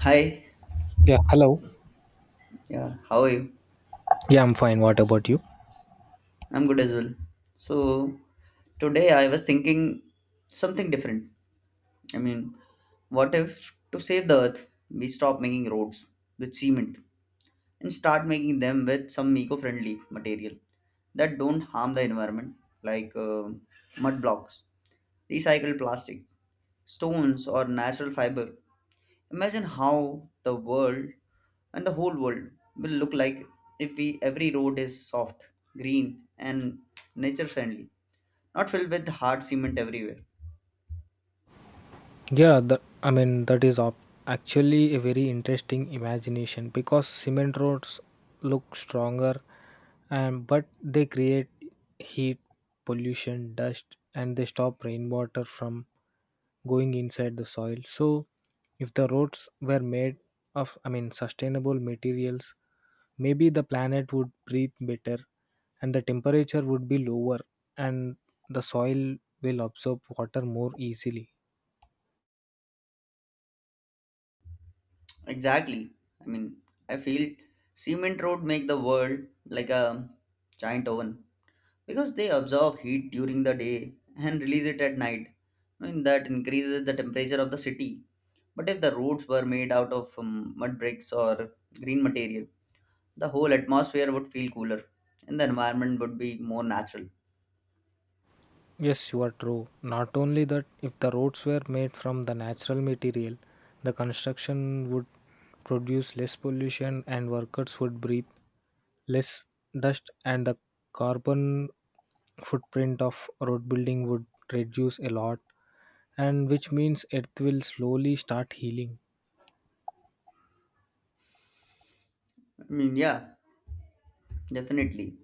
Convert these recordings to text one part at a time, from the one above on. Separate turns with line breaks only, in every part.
Hi,
Yeah, hello.
yeah, how are you?
Yeah, I'm fine. What about you?
I'm good as well. So, today I was thinking something different. I mean, what if to save the earth, we stop making roads with cement and start making them with some eco friendly material that don't harm the environment, like mud blocks, recycled plastics, stones, or natural fiber? Imagine how the world and the whole world will look like if we every road is soft, green, and nature friendly, not filled with hard cement everywhere.
Yeah, that I mean that is actually a very interesting imagination because cement roads look stronger, and but they create heat, pollution, dust, and they stop rainwater from going inside the soil. So, if the roads were made of I mean sustainable materials, maybe the planet would breathe better, and the temperature would be lower, and the soil will absorb water more easily.
Exactly. I mean, I feel cement road make the world like a giant oven because they absorb heat during the day and release it at night. I mean, that increases the temperature of the city. But if the roads were made out of mud bricks or green material, the whole atmosphere would feel cooler and the environment would be more natural.
Yes, you are true. Not only that, if the roads were made from the natural material, the construction would produce less pollution and workers would breathe less dust, and the carbon footprint of road building would reduce a lot, and which means earth will slowly start healing.
I mean, yeah, definitely.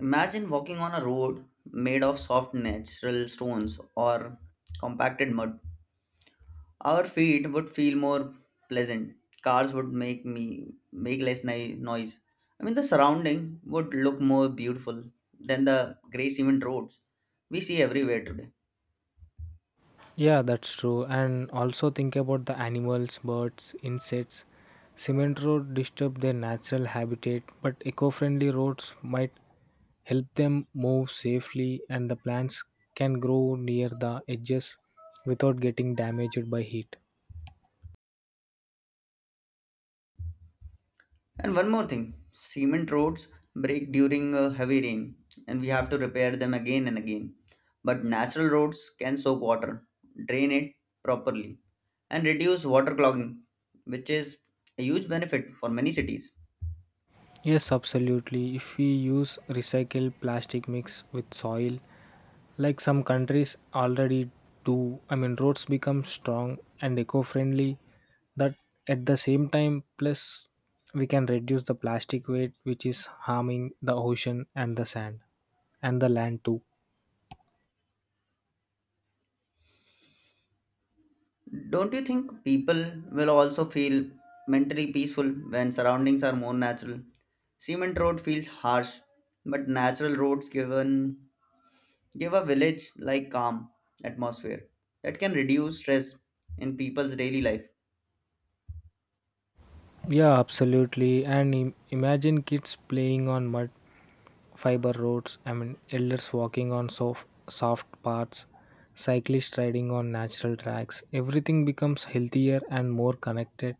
Imagine walking on a road made of soft natural stones or compacted mud. Our feet would feel more pleasant. Cars would make me make less noise. I mean, the surrounding would look more beautiful than the gray cement roads we see everywhere today.
Yeah, that's true. And also think about the animals, birds, insects. Cement road disturb their natural habitat, but eco-friendly roads might help them move safely, and the plants can grow near the edges without getting damaged by heat.
And one more thing, cement roads break during heavy rain and we have to repair them again and again. But natural roads can soak water, drain it properly, and reduce water clogging, which is a huge benefit for many cities.
Yes, absolutely. If we use recycled plastic mix with soil, like some countries already do, I mean, roads become strong and eco friendly. That at the same time, plus we can reduce the plastic weight which is harming the ocean and the sand and the land too.
Don't you think people will also feel mentally peaceful when surroundings are more natural? Cement road feels harsh, but natural roads given Give a village like calm atmosphere that can reduce stress in people's daily life.
Yeah, absolutely. And imagine kids playing on mud, fiber roads, I mean, elders walking on soft, soft paths, cyclists riding on natural tracks. Everything becomes healthier and more connected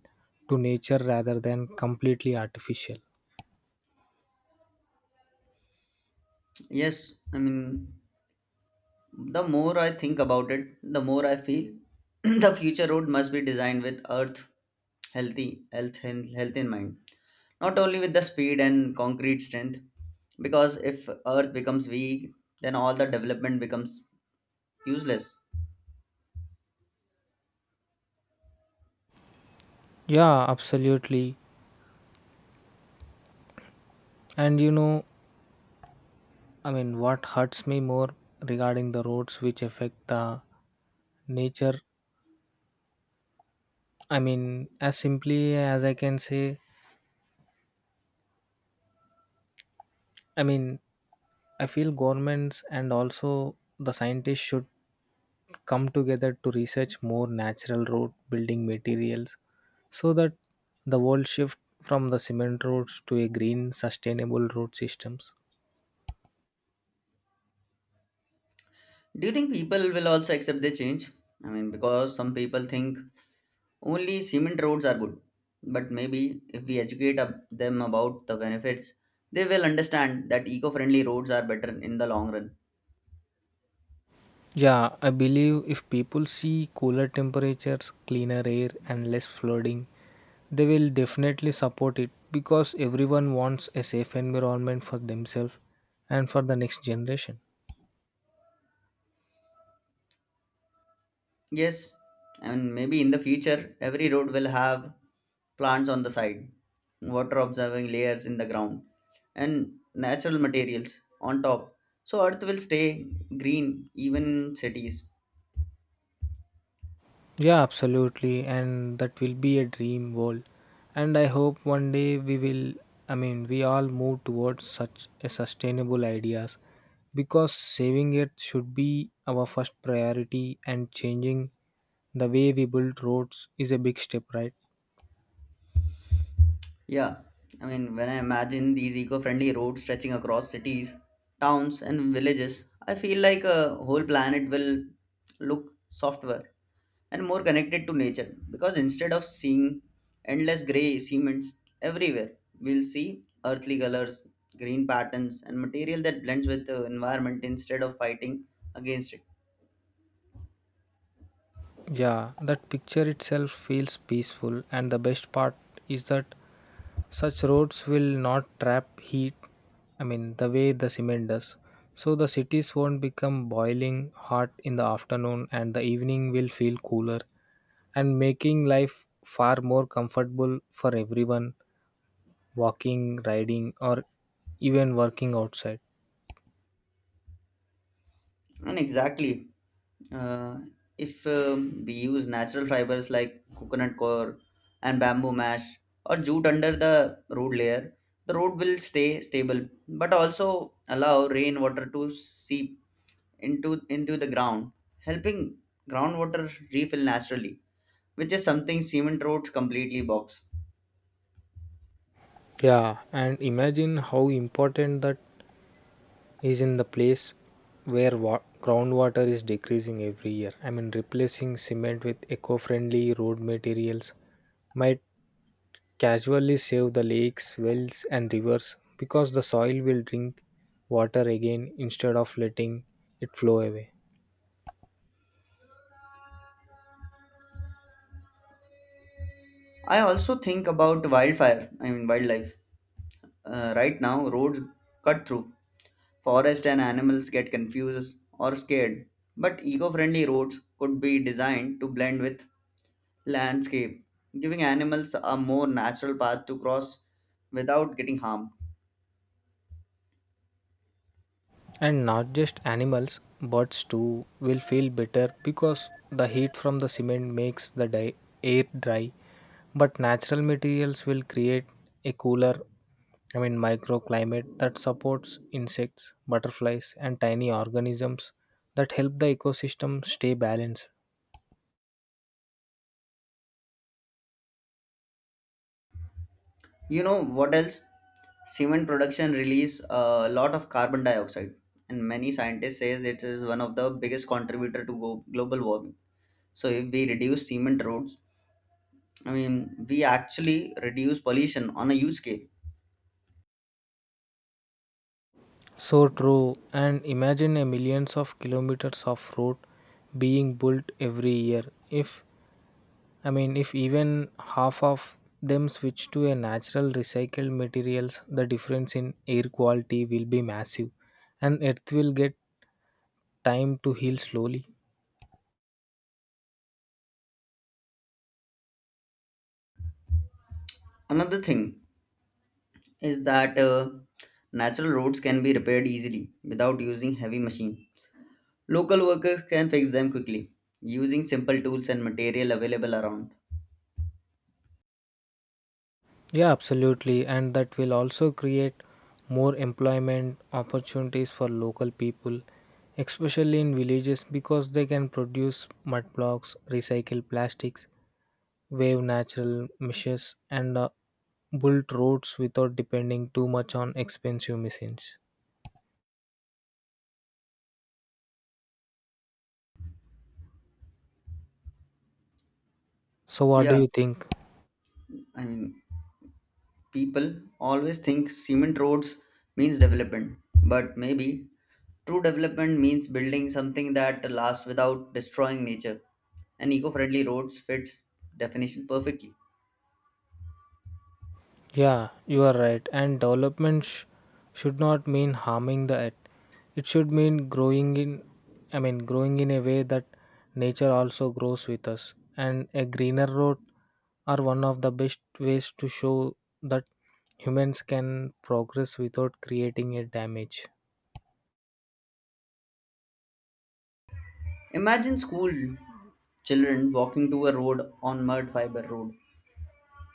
to nature rather than completely artificial.
Yes, I mean, the more I think about it, the more I feel the future road must be designed with earth healthy, health, health in mind. Not only with the speed and concrete strength, because if earth becomes weak, then all the development becomes useless.
Yeah, absolutely. And I mean, what hurts me more regarding the roads which affect the nature, I mean, as simply as I can say, I mean, I feel governments and also the scientists should come together to research more natural road building materials so that the world shift from the cement roads to a green sustainable road systems.
Do you think people will also accept the change? I mean, because some people think only cement roads are good, but maybe if we educate them about the benefits, they will understand that eco friendly roads are better in the long run.
Yeah, I believe if people see cooler temperatures, cleaner air, and less flooding, they will definitely support it because everyone wants a safe environment for themselves and for the next generation.
Yes, and maybe in the future, every road will have plants on the side, water observing layers in the ground, and natural materials on top. So, earth will stay green, even cities.
Yeah, absolutely. And that will be a dream world. And I hope one day we will, I mean, we all move towards such a sustainable ideas because saving it should be our first priority, and changing the way we build roads is a big step, right?
Yeah, I mean, when I imagine these eco friendly roads stretching across cities, towns, and villages, I feel like a whole planet will look softer and more connected to nature because instead of seeing endless grey cements everywhere, we'll see earthly colors, green patterns, and material that blends with the environment instead of fighting against it.
Yeah, that picture itself feels peaceful. And the best part is that such roads will not trap heat, I mean, the way the cement does. So the cities won't become boiling hot in the afternoon, and the evening will feel cooler and making life far more comfortable for everyone walking, riding, or even working outside.
And exactly, uh, if we use natural fibers like coconut core and bamboo mash or jute under the root layer, the root will stay stable, but also allow rainwater to seep into the ground, helping groundwater refill naturally, which is something cement roads completely box.
Yeah, and imagine how important that is in the place where groundwater is decreasing every year. I mean, replacing cement with eco friendly road materials might casually save the lakes, wells, and rivers because the soil will drink water again instead of letting it flow away.
I also think about wildfire. I mean wildlife. Right now, roads cut through forest and animals get confused or scared, but eco friendly roads could be designed to blend with landscape, giving animals a more natural path to cross without getting harmed.
And not just animals, birds too will feel better because the heat from the cement makes the air dry, but natural materials will create a cooler, I mean, microclimate that supports insects, butterflies, and tiny organisms that help the ecosystem stay balanced.
You know what else? Cement production release a lot of carbon dioxide, and many scientists says it is one of the biggest contributor to global warming. So if we reduce cement roads, I mean we actually reduce pollution on a huge scale.
So true. And imagine a millions of kilometers of road being built every year. If I mean, if even half of them switch to a natural recycled materials, the difference in air quality will be massive, and Earth will get time to heal slowly.
Another thing is that natural roads can be repaired easily without using heavy machine. Local workers can fix them quickly using simple tools and material available around.
Yeah, absolutely, and that will also create more employment opportunities for local people, especially in villages, because they can produce mud blocks, recycle plastics, wave natural meshes, and build roads without depending too much on expensive machines. So, what do
Yeah,
you think?
I mean, people always think cement roads means development, but maybe true development means building something that lasts without destroying nature. And eco-friendly roads fits definition perfectly.
Yeah, you are right. And development should not mean harming the earth. It should mean growing in, I mean, growing in a way that nature also grows with us. And a greener road are one of the best ways to show that humans can progress without creating a damage.
Imagine school children walking to a road on mud fiber road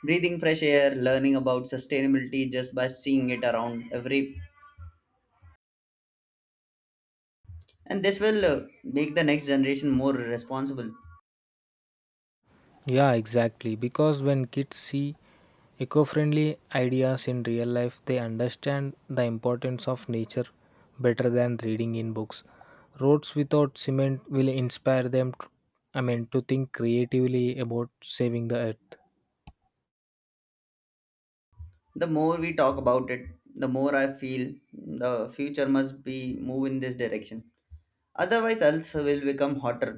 breathing fresh air learning about sustainability just by seeing it around every and this will make the next generation more responsible.
Yeah, exactly. Because when kids see eco friendly ideas in real life, they understand the importance of nature better than reading in books. Roads without cement will inspire them, I mean, to think creatively about saving the earth.
The more we talk about it, the more I feel the future must be move in this direction, otherwise earth will become hotter,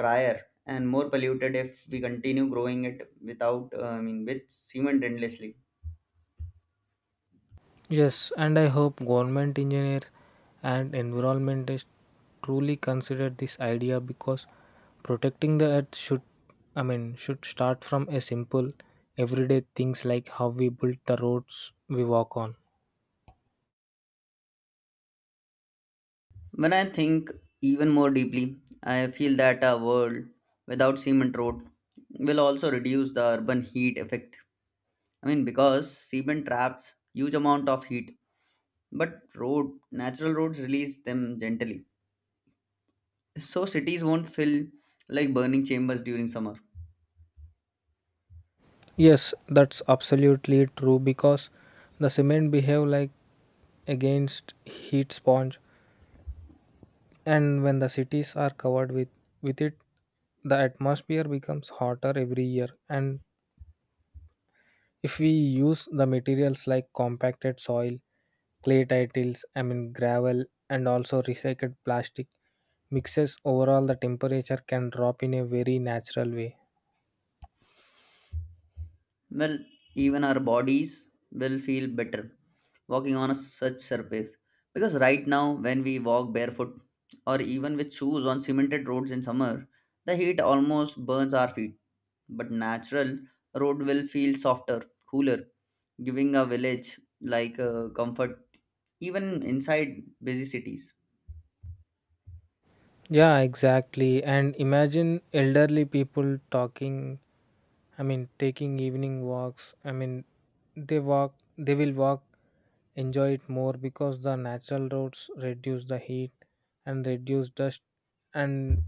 drier, and more polluted if we continue growing it without I mean with cement endlessly.
Yes, and I hope government engineer and environmentalists truly consider this idea because protecting the earth should I mean should start from a simple everyday things like how we build the roads we walk on.
When I think even more deeply, I feel that a world without cement road will also reduce the urban heat effect. I mean, because cement traps huge amount of heat, but road natural roads release them gently, so cities won't feel like burning chambers during summer.
Yes, that's absolutely true because the cement behave like against heat sponge, and when the cities are covered with it the atmosphere becomes hotter every year. And if we use the materials like compacted soil, clay titles, I mean gravel, and also recycled plastic mixes, overall the temperature can drop in a very natural way.
Well, even our bodies will feel better walking on a such surface because right now when we walk barefoot or even with shoes on cemented roads in summer, the heat almost burns our feet, but natural road will feel softer, cooler giving a village like comfort even inside busy cities.
Yeah, exactly. And imagine elderly people talking, I mean, taking evening walks. I mean, they will walk, enjoy it more because the natural roads reduce the heat and reduce dust and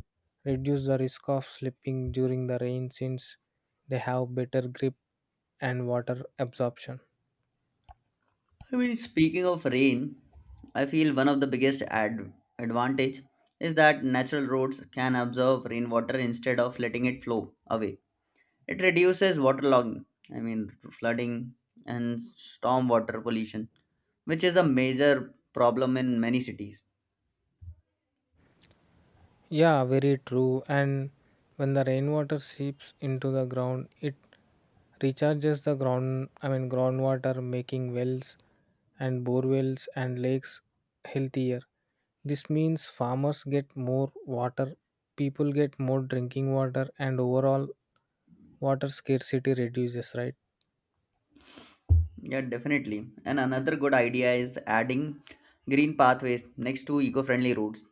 reduce the risk of slipping during the rain since they have better grip and water absorption.
I mean, speaking of rain, I feel one of the biggest advantage is that natural roads can absorb rainwater instead of letting it flow away. It reduces waterlogging, I mean flooding and stormwater pollution, which is a major problem in many cities.
Yeah, very true. And when the rainwater seeps into the ground, it recharges the ground, I mean, groundwater, making wells and bore wells and lakes healthier. This means farmers get more water, people get more drinking water, and overall water scarcity reduces, right?
Yeah, definitely. And another good idea is adding green pathways next to eco-friendly roads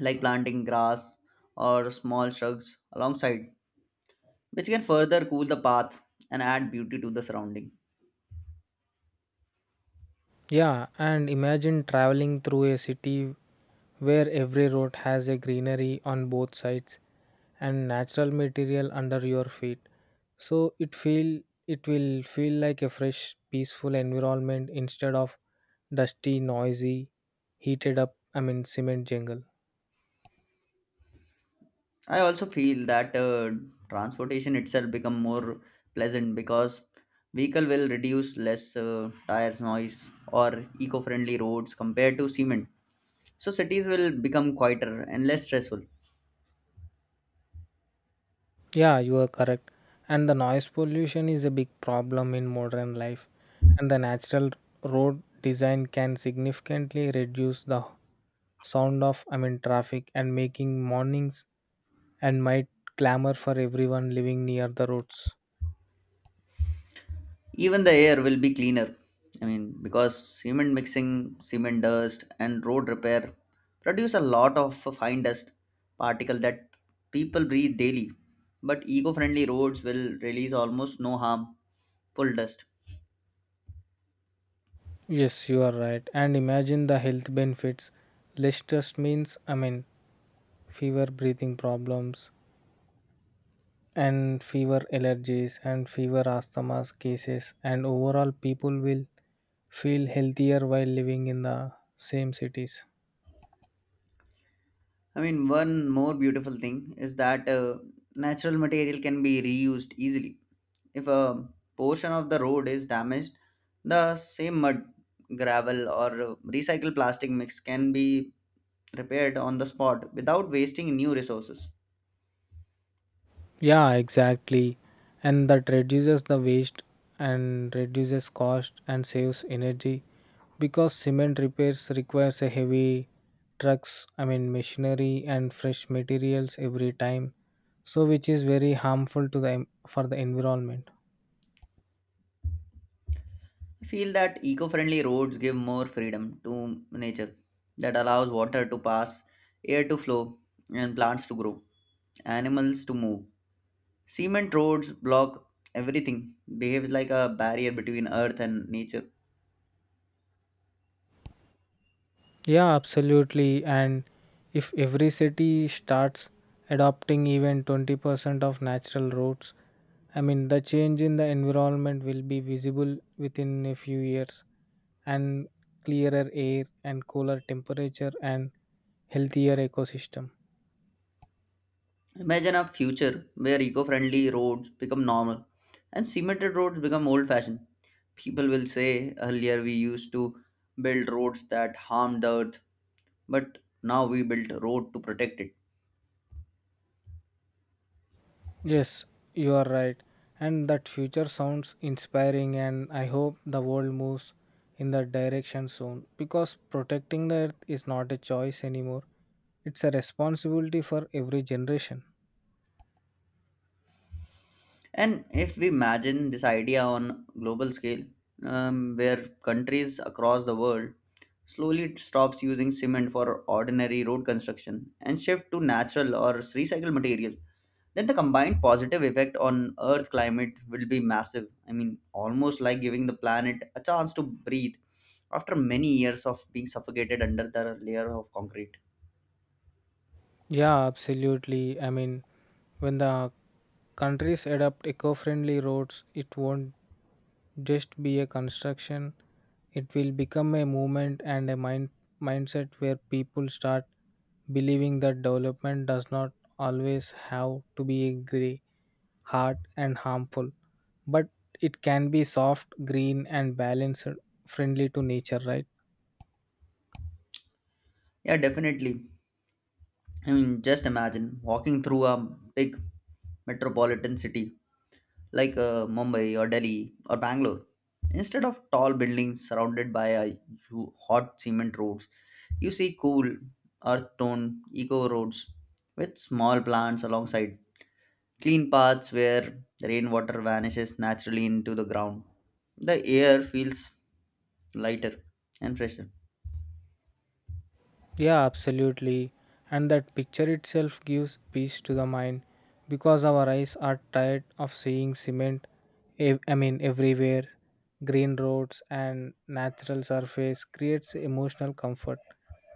like planting grass or small shrubs alongside, which can further cool the path and add beauty to the surrounding.
Yeah, and imagine traveling through a city where every road has a greenery on both sides and natural material under your feet. So it will feel like a fresh, peaceful environment instead of dusty, noisy, heated up, I mean cement jungle.
I also feel that transportation itself become more pleasant because vehicle will reduce less tires noise or eco-friendly roads compared to cement. So cities will become quieter and less stressful.
Yeah, you are correct. And the noise pollution is a big problem in modern life, and the natural road design can significantly reduce the sound of I mean traffic and making mornings and might clamor for everyone living near the roads.
Even the air will be cleaner. I mean, because cement mixing, cement dust, and road repair produce a lot of fine dust particle that people breathe daily. But eco-friendly roads will release almost no harmful dust.
Yes, you are right. And imagine the health benefits, less stress means, I mean, fewer breathing problems and fewer allergies and fewer asthma cases, and overall people will feel healthier while living in the same cities.
I mean, one more beautiful thing is that natural material can be reused easily. If a portion of the road is damaged, the same mud, gravel, or recycled plastic mix can be repaired on the spot without wasting new resources.
Yeah, exactly. And that reduces the waste and reduces cost and saves energy because cement repairs requires a heavy trucks, I mean machinery and fresh materials every time. So which is very harmful to the for the environment.
I feel that eco friendly roads give more freedom to nature that allows water to pass, air to flow, and plants to grow, animals to move. Cement roads block everything, behaves like a barrier between earth and nature.
Yeah, absolutely. And if every city starts adopting even 20% of natural routes, I mean the change in the environment will be visible within a few years and clearer air and cooler temperature and healthier ecosystem.
Imagine a future where eco friendly roads become normal and cemented roads become old fashioned. People will say earlier we used to build roads that harmed the earth but now we built road to protect it.
Yes, you are right. And that future sounds inspiring, and I hope the world moves in that direction soon because protecting the earth is not a choice anymore. It's a responsibility for every generation.
And if we imagine this idea on global scale, where countries across the world slowly stops using cement for ordinary road construction and shift to natural or recycled materials, then the combined positive effect on earth climate will be massive. I mean almost like giving the planet a chance to breathe after many years of being suffocated under the layer of concrete.
Yeah, absolutely. I mean, when the countries adopt eco-friendly roads, it won't just be a construction. It will become a movement and a mindset where people start believing that development does not always have to be grey, hard and harmful, but it can be soft, green and balanced, friendly to nature, right?
Yeah, definitely. I mean, just imagine walking through a big metropolitan city like Mumbai or Delhi or Bangalore. Instead of tall buildings surrounded by a hot cement roads, you see cool earth tone eco roads with small plants alongside, clean paths where the rainwater vanishes naturally into the ground. The air feels lighter and fresher.
Yeah, absolutely. And that picture itself gives peace to the mind because our eyes are tired of seeing cement, I mean, everywhere. Green roads and natural surface creates emotional comfort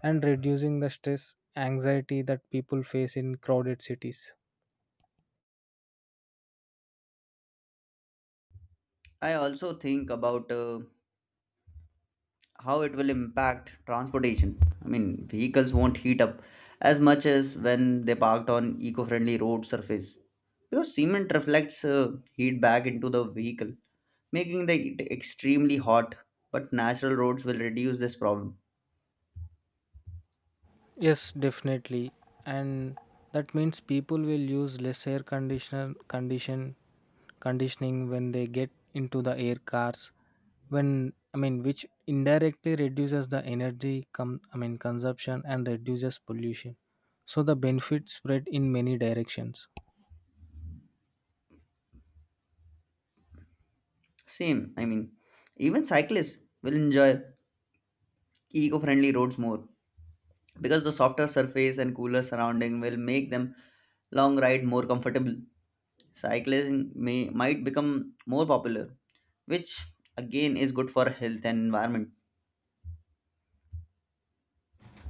and reducing the stress, anxiety that people face in crowded cities.
I also think about how it will impact transportation. I mean, vehicles won't heat up as much as when they parked on eco-friendly road surface because cement reflects heat back into the vehicle, making the it extremely hot. But natural roads will reduce this problem.
Yes, definitely. And that means people will use less air conditioner condition conditioning when they get into the air cars when I mean which indirectly reduces the energy I mean consumption and reduces pollution. So the benefits spread in many directions.
Same, I mean, even cyclists will enjoy eco-friendly roads more because the softer surface and cooler surrounding will make them long ride more comfortable. Cycling may might become more popular, which again is good for health and environment.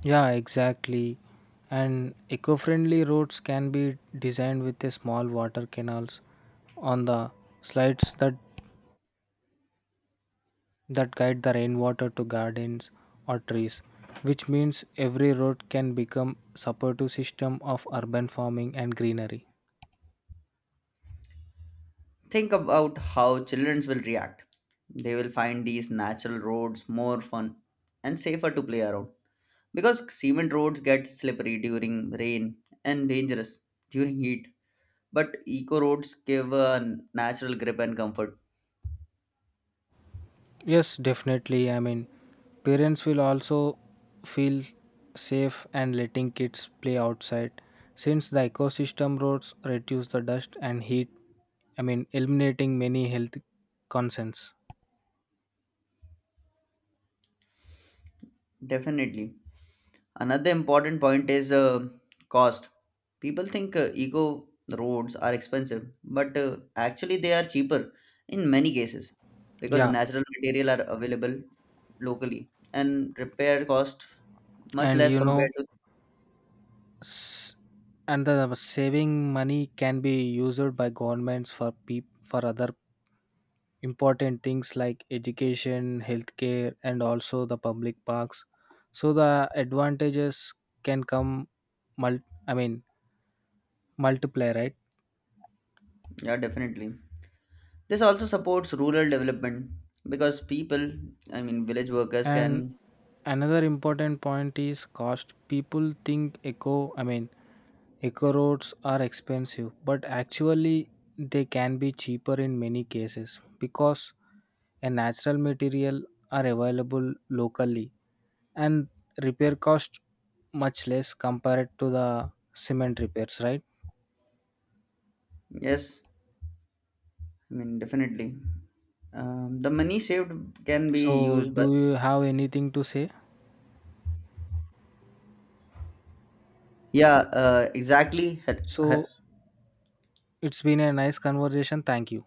Yeah, exactly. And eco-friendly roads can be designed with a small water canals on the slides that guide the rainwater to gardens or trees, which means every road can become supportive system of urban farming and greenery.
Think about how children will react. They will find these natural roads more fun and safer to play around because cement roads get slippery during rain and dangerous during heat. But eco roads give a natural grip and comfort.
Yes, definitely. I mean, parents will also feel safe and letting kids play outside since the ecosystem roads reduce the dust and heat. I mean, eliminating many health concerns.
Definitely. Another important point is cost. People think eco roads are expensive, but actually they are cheaper in many cases because
Yeah,
natural material are available locally and repair cost much
and
less
you
compared
know,
to
S- and the saving money can be used by governments for for other important things like education, healthcare, and also the public parks, so the advantages can come I mean multiply, right?
yeah definitely. This also supports rural development because people, I mean village workers
And
can
another important point is cost. People think I mean, eco roads are expensive, but actually they can be cheaper in many cases because a natural material are available locally and repair cost much less compared to the cement repairs, right?
yes, I mean definitely the money saved can be
So,
used but
do you have anything to say?
yeah exactly
So,
h-
it's been a nice conversation. Thank you.